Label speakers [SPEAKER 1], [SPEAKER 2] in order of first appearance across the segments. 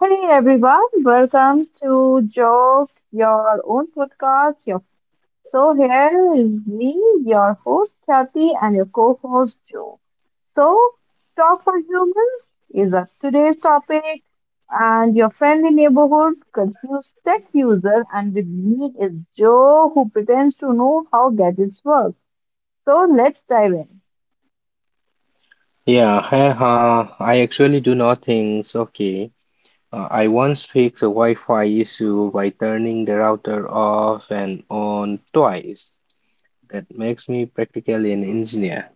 [SPEAKER 1] Hey everyone, welcome to Joke Your Own Podcast. Your so here is me, your host Kathy, and your co-host Joe. So, Talk for Humans is a today's topic, and your friendly neighborhood confused tech user. And with me is Joe, who pretends to know how gadgets work. So let's dive in.
[SPEAKER 2] Yeah, I actually do nothing. Okay. I once fixed a Wi-Fi issue by turning the router off and on twice. That makes me practically an engineer.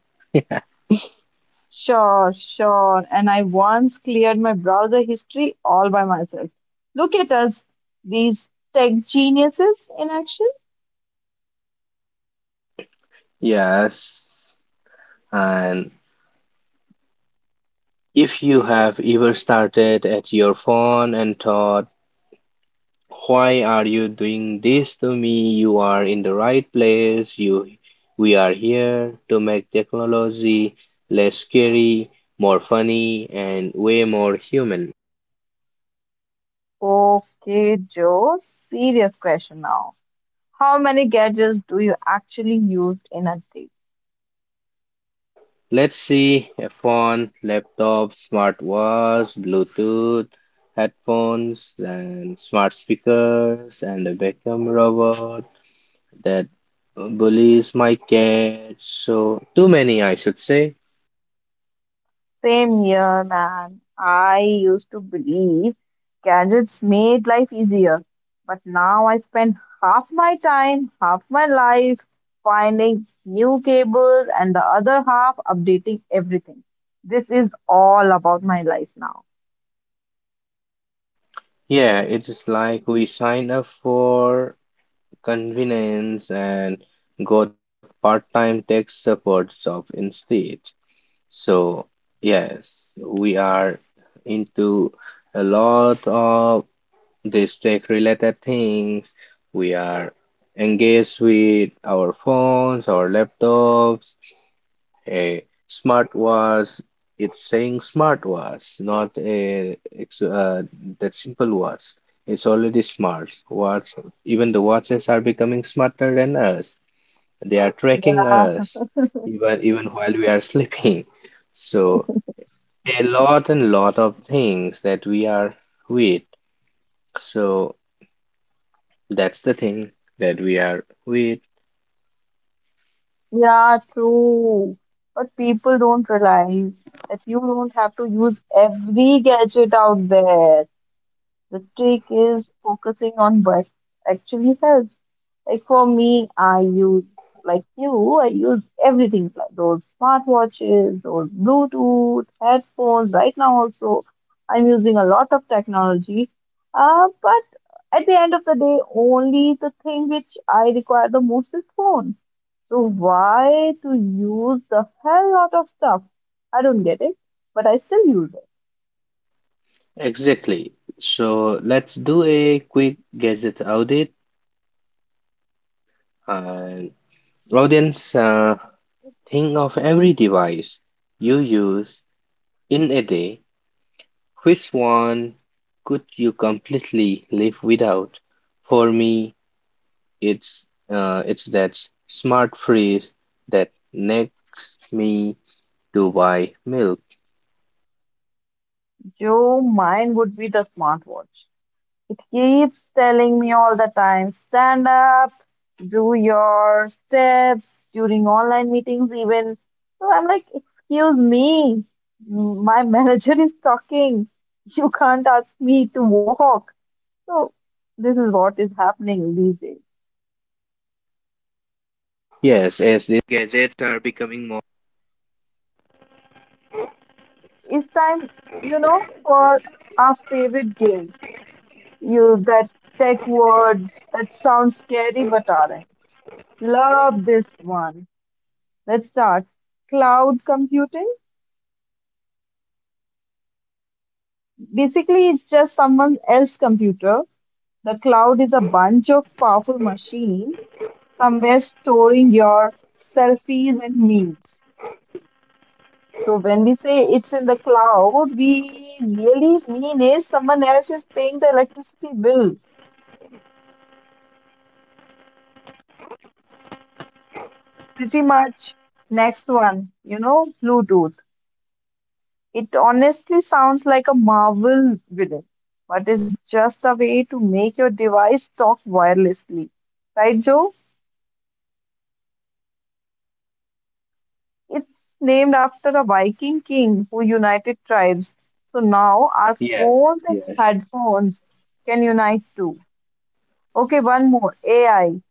[SPEAKER 1] Sure, sure. And I once cleared my browser history all by myself. Look at us, these tech geniuses in action.
[SPEAKER 2] Yes. And if you have ever started at your phone and thought, "Why are you doing this to me?" You are in the right place. We are here to make technology less scary, more funny, and way more human.
[SPEAKER 1] Okay, Joe, serious question now. How many gadgets do you actually use in a day?
[SPEAKER 2] Let's see, a phone, laptop, smartwatch, Bluetooth, headphones, and smart speakers, and a vacuum robot that bullies my cat. So, too many, I should say.
[SPEAKER 1] Same here, man. I used to believe gadgets made life easier, but now I spend half my time, half my life finding new cables and the other half updating everything. This is all about my life now.
[SPEAKER 2] Yeah, it is like we signed up for convenience and got part-time tech support job instead. So yes, we are into a lot of these tech-related things. We are engaged with our phones, our laptops, a smart was it's saying smart was not a ex- that simple was. It's already smart. Watch, even the watches are becoming smarter than us. They are tracking
[SPEAKER 1] Yeah,
[SPEAKER 2] us even while we are sleeping. So a lot and lot of things that we are with. So that's the thing that we are with.
[SPEAKER 1] yeah, true. But people don't realize that you don't have to use every gadget out there. The trick is focusing on what actually helps. Like for me, I use, like you, I use everything like those smartwatches, those Bluetooth, headphones. Right now, also, I'm using a lot of technology. But at the end of the day, only the thing which I require the most is phone. So why to use the hell lot of stuff? I don't get it, but I still use it.
[SPEAKER 2] Exactly. So let's do a quick gadget audit. And audience, think of every device you use in a day. Which one could you completely live without? For me, it's that smart fridge that nags me to buy milk.
[SPEAKER 1] Joe, mine would be the smartwatch. It keeps telling me all the time stand up, do your steps during online meetings, even. So I'm like, excuse me, my manager is talking. You can't ask me to walk. So this is what is happening these days.
[SPEAKER 2] Yes, as this. Gadgets are becoming more.
[SPEAKER 1] It's time for our favorite game. Use that tech words that sound scary but aren't. Love this one. Let's start. Cloud computing. Basically, it's just someone else's computer. The cloud is a bunch of powerful machines somewhere storing your selfies and memes. So when we say it's in the cloud, we really mean is someone else is paying the electricity bill. Pretty much next one, you know, Bluetooth. It honestly sounds like a Marvel villain, but it's just a way to make your device talk wirelessly. Right, Joe? It's named after a Viking king who united tribes. So now our
[SPEAKER 2] Yes,
[SPEAKER 1] phones and
[SPEAKER 2] yes.
[SPEAKER 1] headphones can unite too. Okay, one more AI.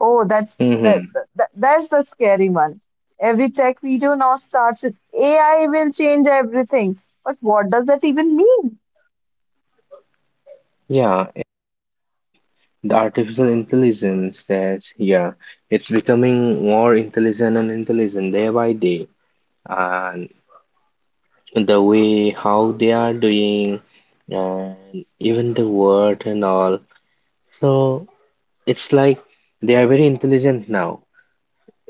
[SPEAKER 1] Oh, that, that,
[SPEAKER 2] hmm
[SPEAKER 1] that's the scary one. Every tech video now starts with AI will change everything. But what does that even mean?
[SPEAKER 2] Yeah, the artificial intelligence, that, yeah, it's becoming more intelligent and intelligent day by day. And the way how they are doing and even the word and all. So it's like they are very intelligent now.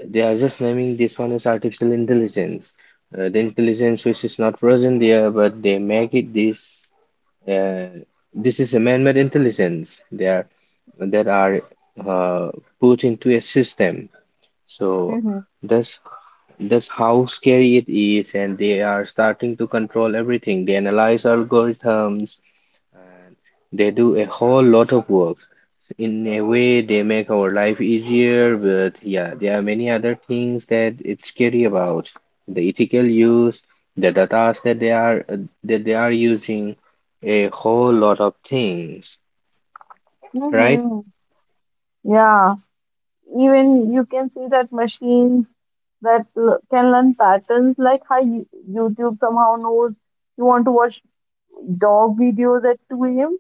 [SPEAKER 2] They are just naming this one as artificial intelligence. The intelligence which is not present there, but they make it this. Uh, this is a man-made intelligence. They are that are uh, Put into a system. So
[SPEAKER 1] hmm
[SPEAKER 2] that's that's how scary it is, and they are starting to control everything. They analyze algorithms and they do a whole lot of work. In a way, they make our life easier, but yeah, there are many other things that it's scary about. The ethical use, the data that they are using, a whole lot of things, right?
[SPEAKER 1] hmm Yeah, even you can see that machines can learn patterns like how YouTube somehow knows you want to watch dog videos at 2 a.m.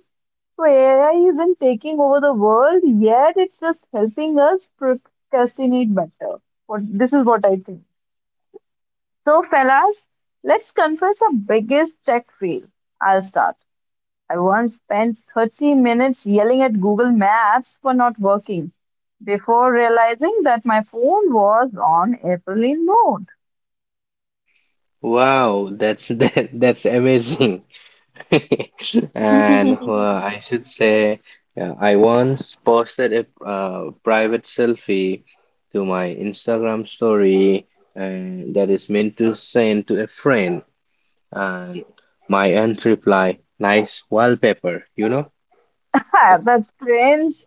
[SPEAKER 1] So AI isn't taking over the world yet; it's just helping us procrastinate better. What this is what I think. So, fellas, let's confess our biggest tech fail. I'll start. I once spent 30 minutes yelling at Google Maps for not working before realizing that my phone was on airplane mode.
[SPEAKER 2] Wow, that's that's amazing. And I should say, yeah, I once posted a private selfie to my Instagram story, and that is meant to send to a friend. And my aunt replied, "Nice wallpaper, you know?" Yeah.
[SPEAKER 1] That's cringe.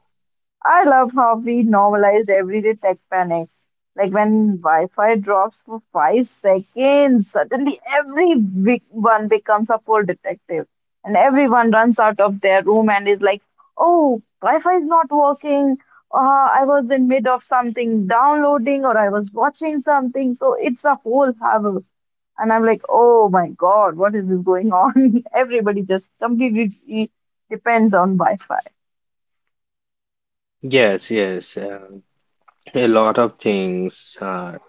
[SPEAKER 1] I love how we normalized everyday tech panic. Like when Wi Fi drops for 5 seconds, suddenly every big one becomes a full detective. And everyone runs out of their room and is like, oh, Wi Fi is not working. Uh, I was in mid of something downloading or I was watching something. So it's a whole havoc. And I'm like, oh my God, what is this going on? Everybody just completely depends on Wi Fi.
[SPEAKER 2] Yes, yes. A lot of things are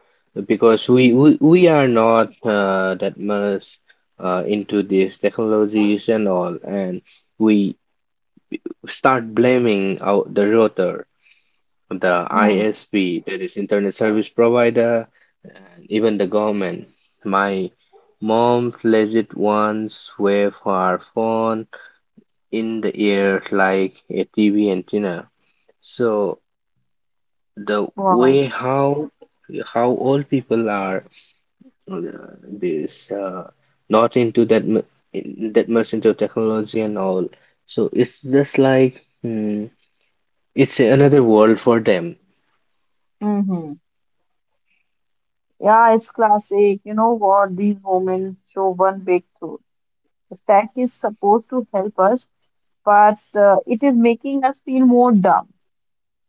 [SPEAKER 2] because we are not that much into these technologies and all. And we start blaming out the router, the
[SPEAKER 1] hmm
[SPEAKER 2] ISP, that is internet service provider, and even the government. My mom plays it once with her phone in the ear like a TV antenna. So the way
[SPEAKER 1] Wow.
[SPEAKER 2] how old people are uh, this not into that much into technology and all. So it's just like, hmm, it's another world for them.
[SPEAKER 1] Mm-hmm. Yeah, it's classic. You know what? These moments show one big truth. The tech is supposed to help us, but it is making us feel more dumb.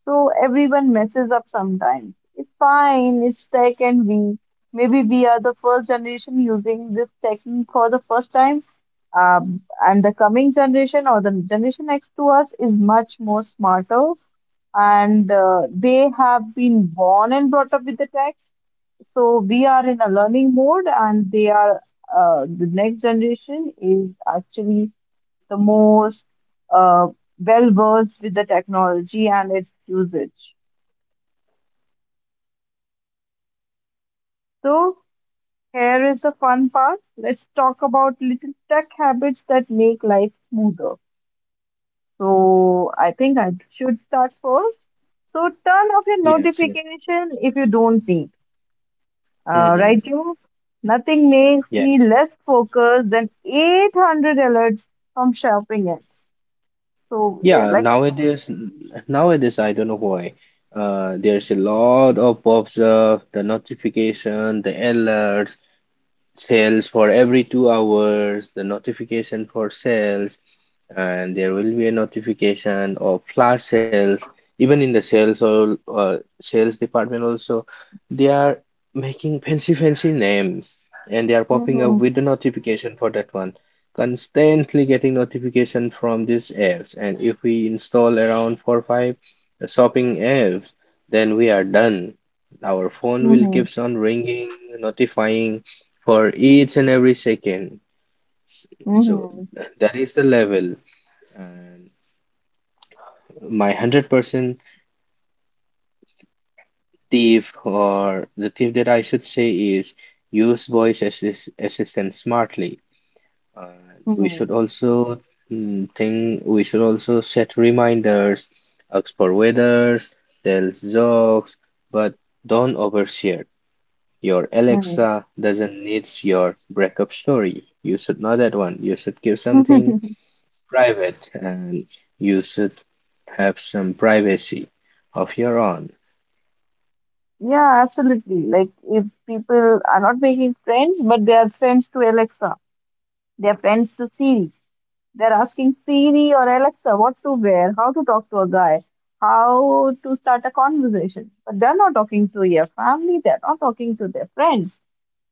[SPEAKER 1] So everyone messes up sometimes. It's fine, it's tech, and we maybe we are the first generation using this technique for the first time. Um, and the coming generation or the generation next to us is much more smarter, and they have been born and brought up with the tech. So we are in a learning mode, and they are the next generation is actually the most uh, well versed with the technology and its usage. So here is the fun part. Let's talk about little tech habits that make life smoother. So I think I should start first. So turn off your
[SPEAKER 2] Yes, yes.
[SPEAKER 1] notification if you don't need.
[SPEAKER 2] Mm-hmm.
[SPEAKER 1] Right, Drew? Nothing makes
[SPEAKER 2] Yeah.
[SPEAKER 1] me less focused than 800 alerts from shopping apps. So,
[SPEAKER 2] Yeah,
[SPEAKER 1] like,
[SPEAKER 2] nowadays I don't know why. Uh, there's a lot of pops up, the notification, the alerts, sales for every 2 hours, the notification for sales. And there will be a notification of flash sales even in the sales or sales department also. They are making fancy names and they are popping up
[SPEAKER 1] hmm
[SPEAKER 2] with the notification for that one, constantly getting notification from these apps. And if we install around four or five shopping apps, then we are done. Our phone will
[SPEAKER 1] hmm
[SPEAKER 2] keeps on ringing, notifying for each and every second. S- so
[SPEAKER 1] hmm
[SPEAKER 2] that is the level. And my 100% thief, or the thief that I should say, is use voice assist assistant smartly. Uh, we
[SPEAKER 1] hmm
[SPEAKER 2] should also we should also set reminders, ask for weathers, tell jokes, but don't overshare. Your
[SPEAKER 1] hmm
[SPEAKER 2] Alexa doesn't needs your breakup story. You should know that one. You should give something private and you should have some privacy of your own.
[SPEAKER 1] yeah, absolutely. Like, if people are not making friends, but they are friends to Alexa, they are friends to Siri, they're asking Siri or Alexa what to wear, how to talk to a guy, how to start a conversation. But they're not talking to your family, they're not talking to their friends.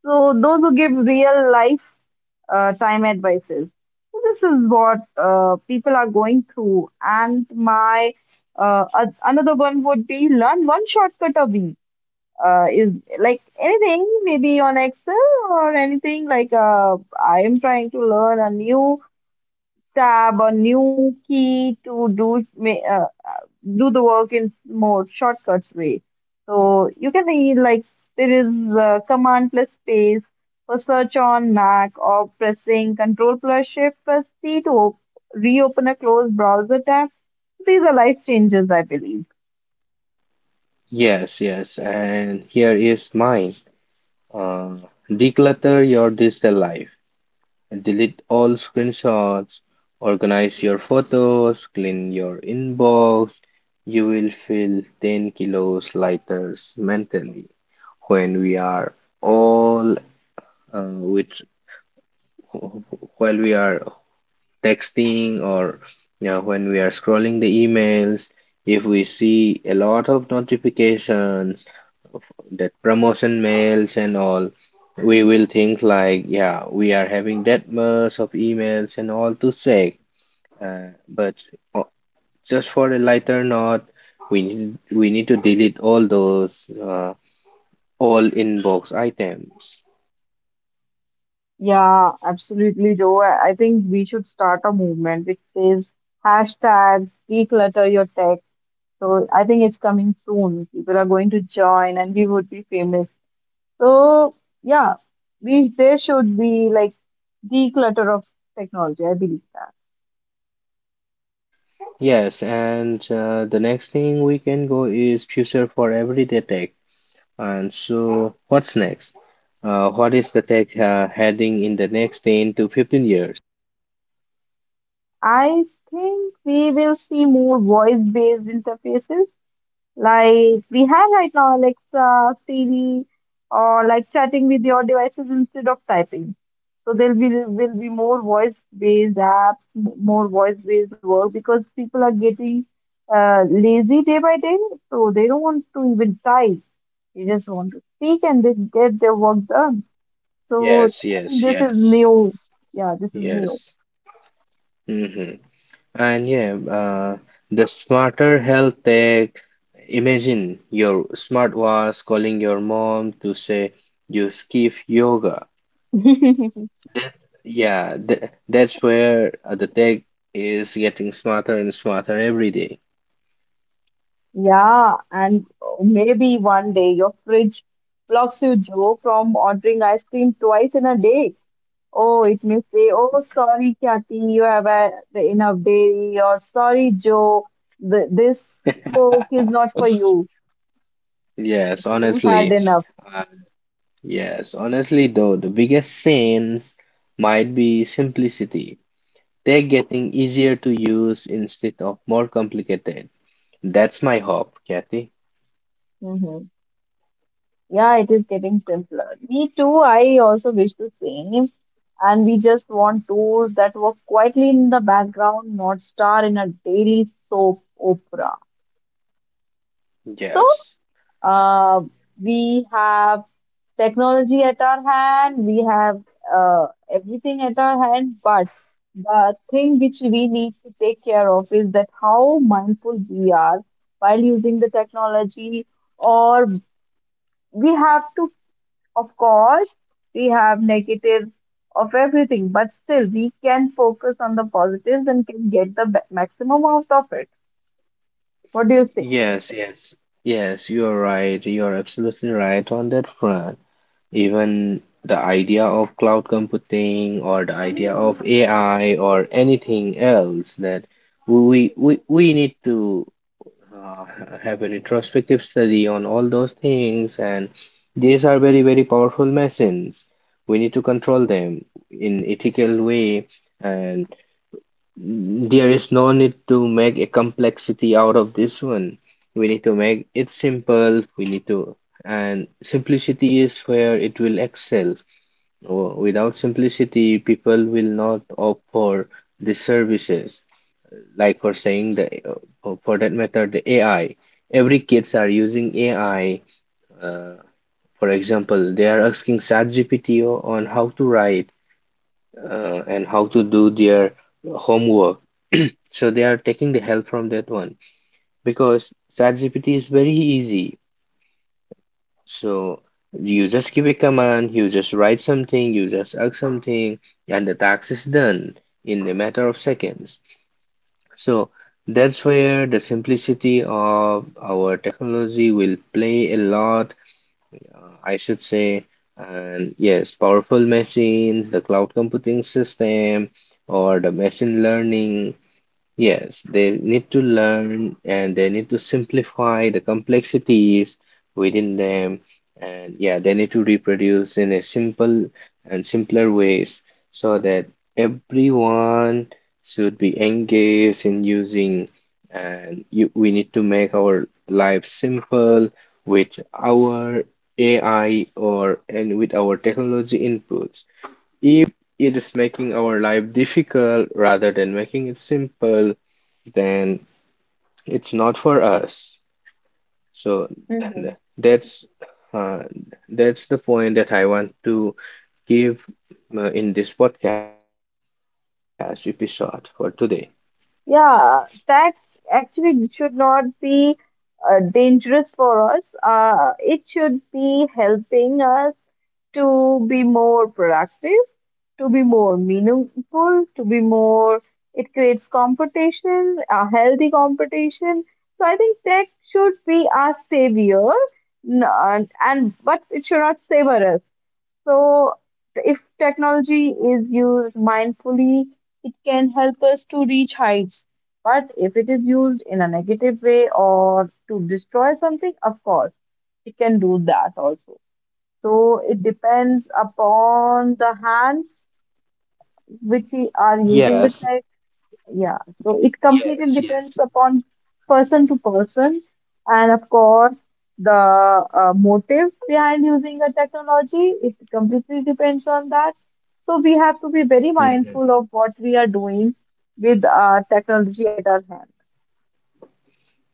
[SPEAKER 1] So those who give real life time advices. So this is what people are going through. And my another one would be learn one shortcut a week. Is like anything, maybe on Excel or anything like I am trying to learn a new tab, a new key to uh, do the work in more shortcut way. So you can see like there is command plus space for search on Mac or pressing control plus shift plus C to reopen a closed browser tab. These are life changes, I believe.
[SPEAKER 2] Yes, yes, and here is mine. Uh, Declutter your digital life. Delete all screenshots, organize your photos, clean your inbox. You will feel 10 kilos lighter mentally when we are all which while we are texting or, you know, when we are scrolling the emails, if we see a lot of notifications, that promotion mails and all, we will think like, yeah, we are having that much of emails and all to check. But o- just for a lighter note, we need to delete all those all inbox items.
[SPEAKER 1] Yeah, absolutely, Joe. I think we should start a movement which says hashtag declutter your tech. So I think it's coming soon. People are going to join and we would be famous. So yeah, we there should be like declutter of technology. I believe that.
[SPEAKER 2] Yes, and the next thing we can go is future for everyday tech. And so, what's next? What is the tech heading in the next 10 to 15 years?
[SPEAKER 1] I think we will see more voice-based interfaces like we have right now, Alexa, Siri, or like chatting with your devices instead of typing. So there will be more voice-based apps, more voice-based work because people are getting lazy day by day, so they don't want to even type. They just want to speak and they get their work done. So
[SPEAKER 2] Yes,
[SPEAKER 1] I think
[SPEAKER 2] yes,
[SPEAKER 1] this is
[SPEAKER 2] yes.
[SPEAKER 1] new. Yeah, this is new.
[SPEAKER 2] Yes. hmm And yeah, the smarter health tech, imagine your smartwatch calling your mom to say you skip yoga. Yeah, th that's where the tech is getting smarter and smarter every day.
[SPEAKER 1] Yeah, and maybe one day your fridge blocks you, Joe, from ordering ice cream twice in a day. Oh, it may say, "Oh, sorry, Kathy, you have had enough dairy," or "Sorry, Joe, th this Coke is not for you. So
[SPEAKER 2] Yes,
[SPEAKER 1] you had
[SPEAKER 2] honestly.
[SPEAKER 1] enough."
[SPEAKER 2] Uh, yes, honestly, though, the biggest sins might be simplicity. Tech getting easier to use instead of more complicated. That's my hope, Kathy.
[SPEAKER 1] hmm Yeah, it is getting simpler. Me too. I also wish the same. And we just want tools that work quietly in the background, not star in a daily soap opera. So
[SPEAKER 2] Yes.
[SPEAKER 1] Uh, we have technology at our hand, we have everything at our hand, but the thing which we need to take care of is that how mindful we are while using the technology, or we have to, of course, we have negatives of everything, but still we can focus on the positives and can get the maximum out of it. What do you say?
[SPEAKER 2] Yes, yes, yes, you're right. You're absolutely right on that front. Even the idea of cloud computing or the idea of AI or anything else, that we need to uh, have a retrospective study on all those things, and these are very, very powerful machines. We need to control them in ethical way. And there is no need to make a complexity out of this one. We need to make it simple. And simplicity is where it will excel. Oh, without simplicity, people will not opt for the services. Like for saying for that matter, the AI. Every kids are using AI. Uh, for example, they are asking ChatGPT on how to write and how to do their homework. So they are taking the help from that one because ChatGPT is very easy. So you just give a command, you just write something, you just ask something, and the task is done in a matter of seconds. So that's where the simplicity of our technology will play a lot, I should say. And yes, powerful machines, the cloud computing system, or the machine learning, yes, they need to learn and they need to simplify the complexities within them. And yeah, they need to reproduce in a simple and simpler ways so that everyone should be engaged in using. We need to make our life simple with our AI, or and with our technology inputs. If it is making our life difficult rather than making it simple, then it's not for us. So th- that's uh, that's the point that I want to give in this podcast episode for today.
[SPEAKER 1] Yeah, that actually should not be dangerous for us. It should be helping us to be more productive, to be more meaningful, to be more. It creates competition, a healthy competition. So I think tech should be our savior, and but it should not savor us. So, if technology is used mindfully, it can help us to reach heights. But if it is used in a negative way or to destroy something, of course, it can do that also. So, it depends upon the hands which we are using the
[SPEAKER 2] Yes,
[SPEAKER 1] yeah, so it completely
[SPEAKER 2] yes, yes.
[SPEAKER 1] depends upon person to person, and of course the motive behind using a technology, it completely depends on that. So we have to be very
[SPEAKER 2] hmm
[SPEAKER 1] mindful of what we are doing with our technology at our hand.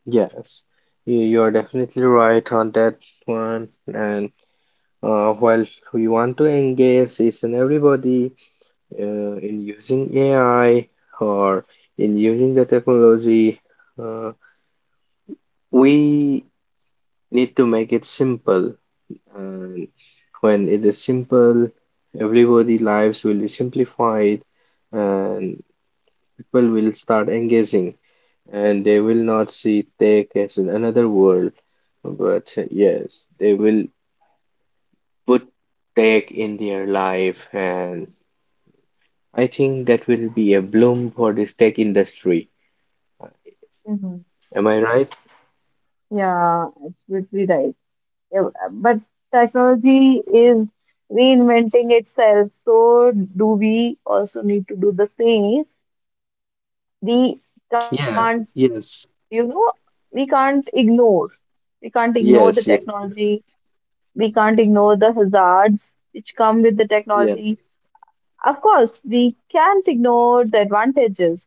[SPEAKER 2] Yes, you're definitely right on that one. And while we want to engage each and everybody in using AI or in using the technology, uh, we need to make it simple. And when it is simple, everybody lives will be simplified, and people will start engaging and they will not see tech as another world. But yes, they will put tech in their life, and I think that will be a bloom for this tech industry.
[SPEAKER 1] hmm
[SPEAKER 2] Am I right?
[SPEAKER 1] yeah, absolutely right. Yeah, but technology is reinventing itself, so do we also need to do the same. We can't
[SPEAKER 2] Yeah,
[SPEAKER 1] you
[SPEAKER 2] yes,
[SPEAKER 1] know we can't ignore, we can't ignore the
[SPEAKER 2] yes, yes, yes,
[SPEAKER 1] technology, we can't ignore the hazards which come with the
[SPEAKER 2] yeah.
[SPEAKER 1] technology. Of course we can't ignore the advantages.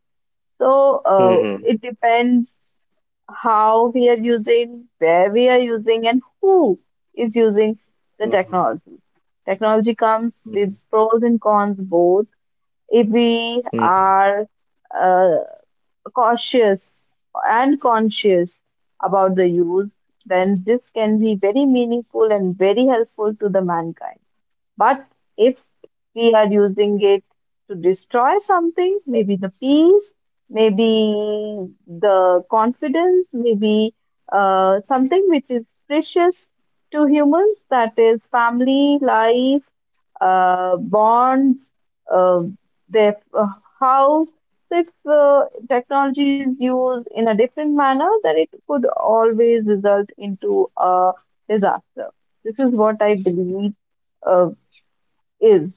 [SPEAKER 1] So
[SPEAKER 2] Mm-hmm.
[SPEAKER 1] it depends how we are using, where we are using, and who is using the
[SPEAKER 2] Mm-hmm.
[SPEAKER 1] technology. Technology comes with pros and cons both. If we
[SPEAKER 2] Mm-hmm.
[SPEAKER 1] are uh, cautious and conscious about the use, then this can be very meaningful and very helpful to the mankind. But if we are using it to destroy something, maybe the peace, maybe the confidence, maybe something which is precious to humans, that is family, life, bonds, uh, their house. So if technology is used in a different manner, then it could always result into a disaster. This is what I believe uh, is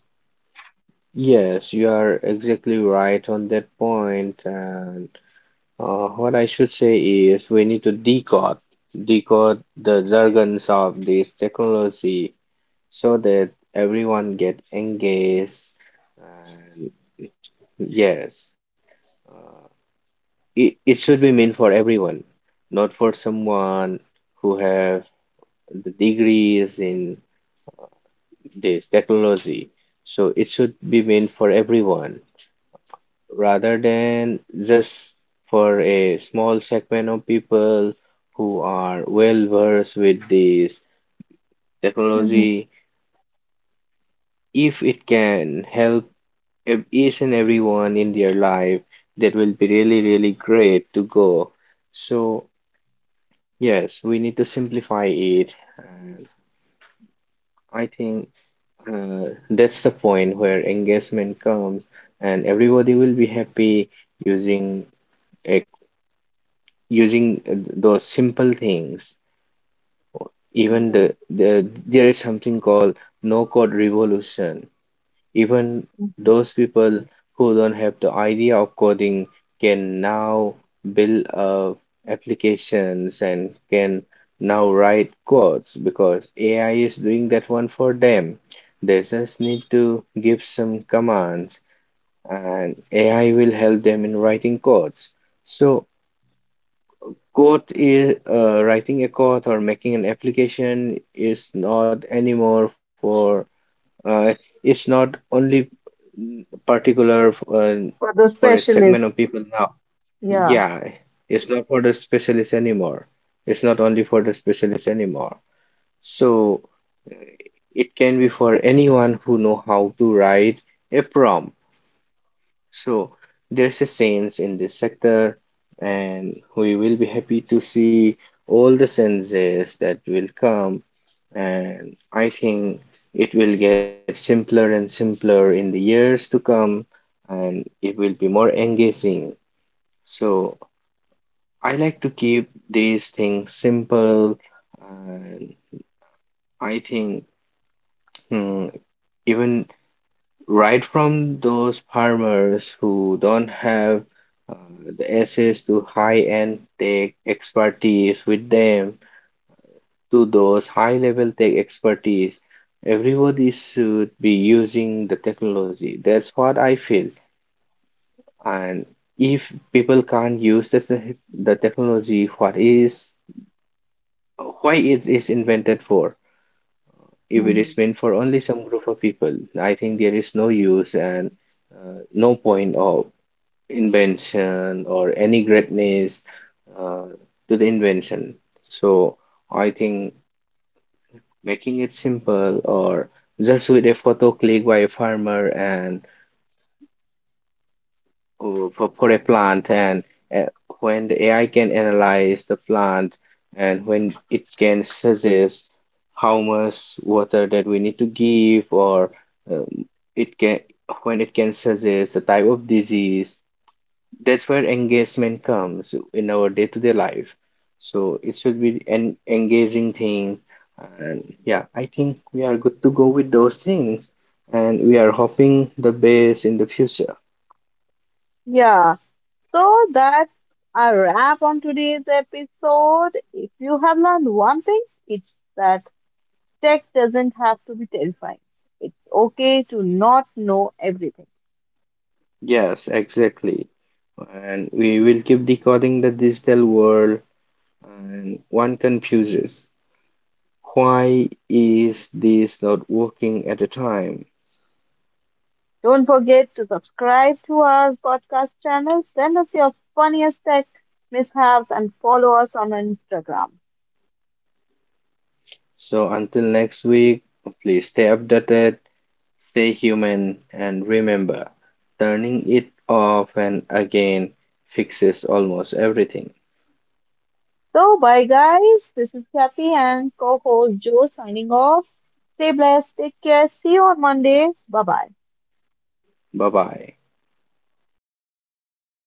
[SPEAKER 2] Yes, you are exactly right on that point. And what I should say is we need to decode the jargons of this technology so that everyone get engaged. And yes, uh, it should be meant for everyone, not for someone who have the degrees in this technology. So it should be meant for everyone rather than just for a small segment of people who are well versed with this
[SPEAKER 1] Mm-hmm.
[SPEAKER 2] technology. If it can help each and everyone in their life, that will be really, really great to go. So, yes, we need to simplify it. And I think that's the point where engagement comes, and everybody will be happy using a, using those simple things. Even
[SPEAKER 1] Mm-hmm.
[SPEAKER 2] the there is something called no code revolution. Even those people who don't have the idea of coding can now build applications and can now write codes because AI is doing that one for them. They just need to give some commands and AI will help them in writing codes. So code is writing a code or making an application is not anymore for uh, it's not only particular
[SPEAKER 1] for the
[SPEAKER 2] for a
[SPEAKER 1] specialist.
[SPEAKER 2] segment of people now.
[SPEAKER 1] Yeah.
[SPEAKER 2] Yeah, it's not for the specialists anymore. It's not only for the specialists anymore. So uh, it can be for anyone who know how to write a prompt. So there's a change in this sector, and we will be happy to see all the changes that will come. And I think it will get simpler and simpler in the years to come, and it will be more engaging. So I like to keep these things simple, and I think, hmm, even right from those farmers who don't have uh, the access to high-end tech expertise with them to those high-level tech expertise. Everybody should be using the technology. That's what I feel. And if people can't use the technology, what is why it is invented for? If it
[SPEAKER 1] Mm-hmm.
[SPEAKER 2] is meant for only some group of people, I think there is no use and no point of invention or any greatness uh, to the invention. So I think making it simple, or just with a photo click by a farmer and for a plant, and uh, when the AI can analyze the plant, and when it can suggest how much water that we need to give, or um, it can when it can suggest the type of disease, that's where engagement comes in our day-to-day life. So it should be an engaging thing. And yeah, I think we are good to go with those things. And we are hoping the best in the future.
[SPEAKER 1] Yeah. So that's a wrap on today's episode. If you have learned one thing, it's that tech doesn't have to be terrifying. It's okay to not know everything.
[SPEAKER 2] Yes, exactly. And we will keep decoding the digital world. And one confuses. Why is this not working at a time?
[SPEAKER 1] Don't forget to subscribe to our podcast channel, send us your funniest tech mishaps, and follow us on Instagram.
[SPEAKER 2] So until next week, please stay updated. Stay human and remember, turning it off and again fixes almost everything.
[SPEAKER 1] So, bye guys. This is Kathy and co host Joe signing off. Stay blessed. Take care. See you on Monday. Bye bye.
[SPEAKER 2] Bye bye.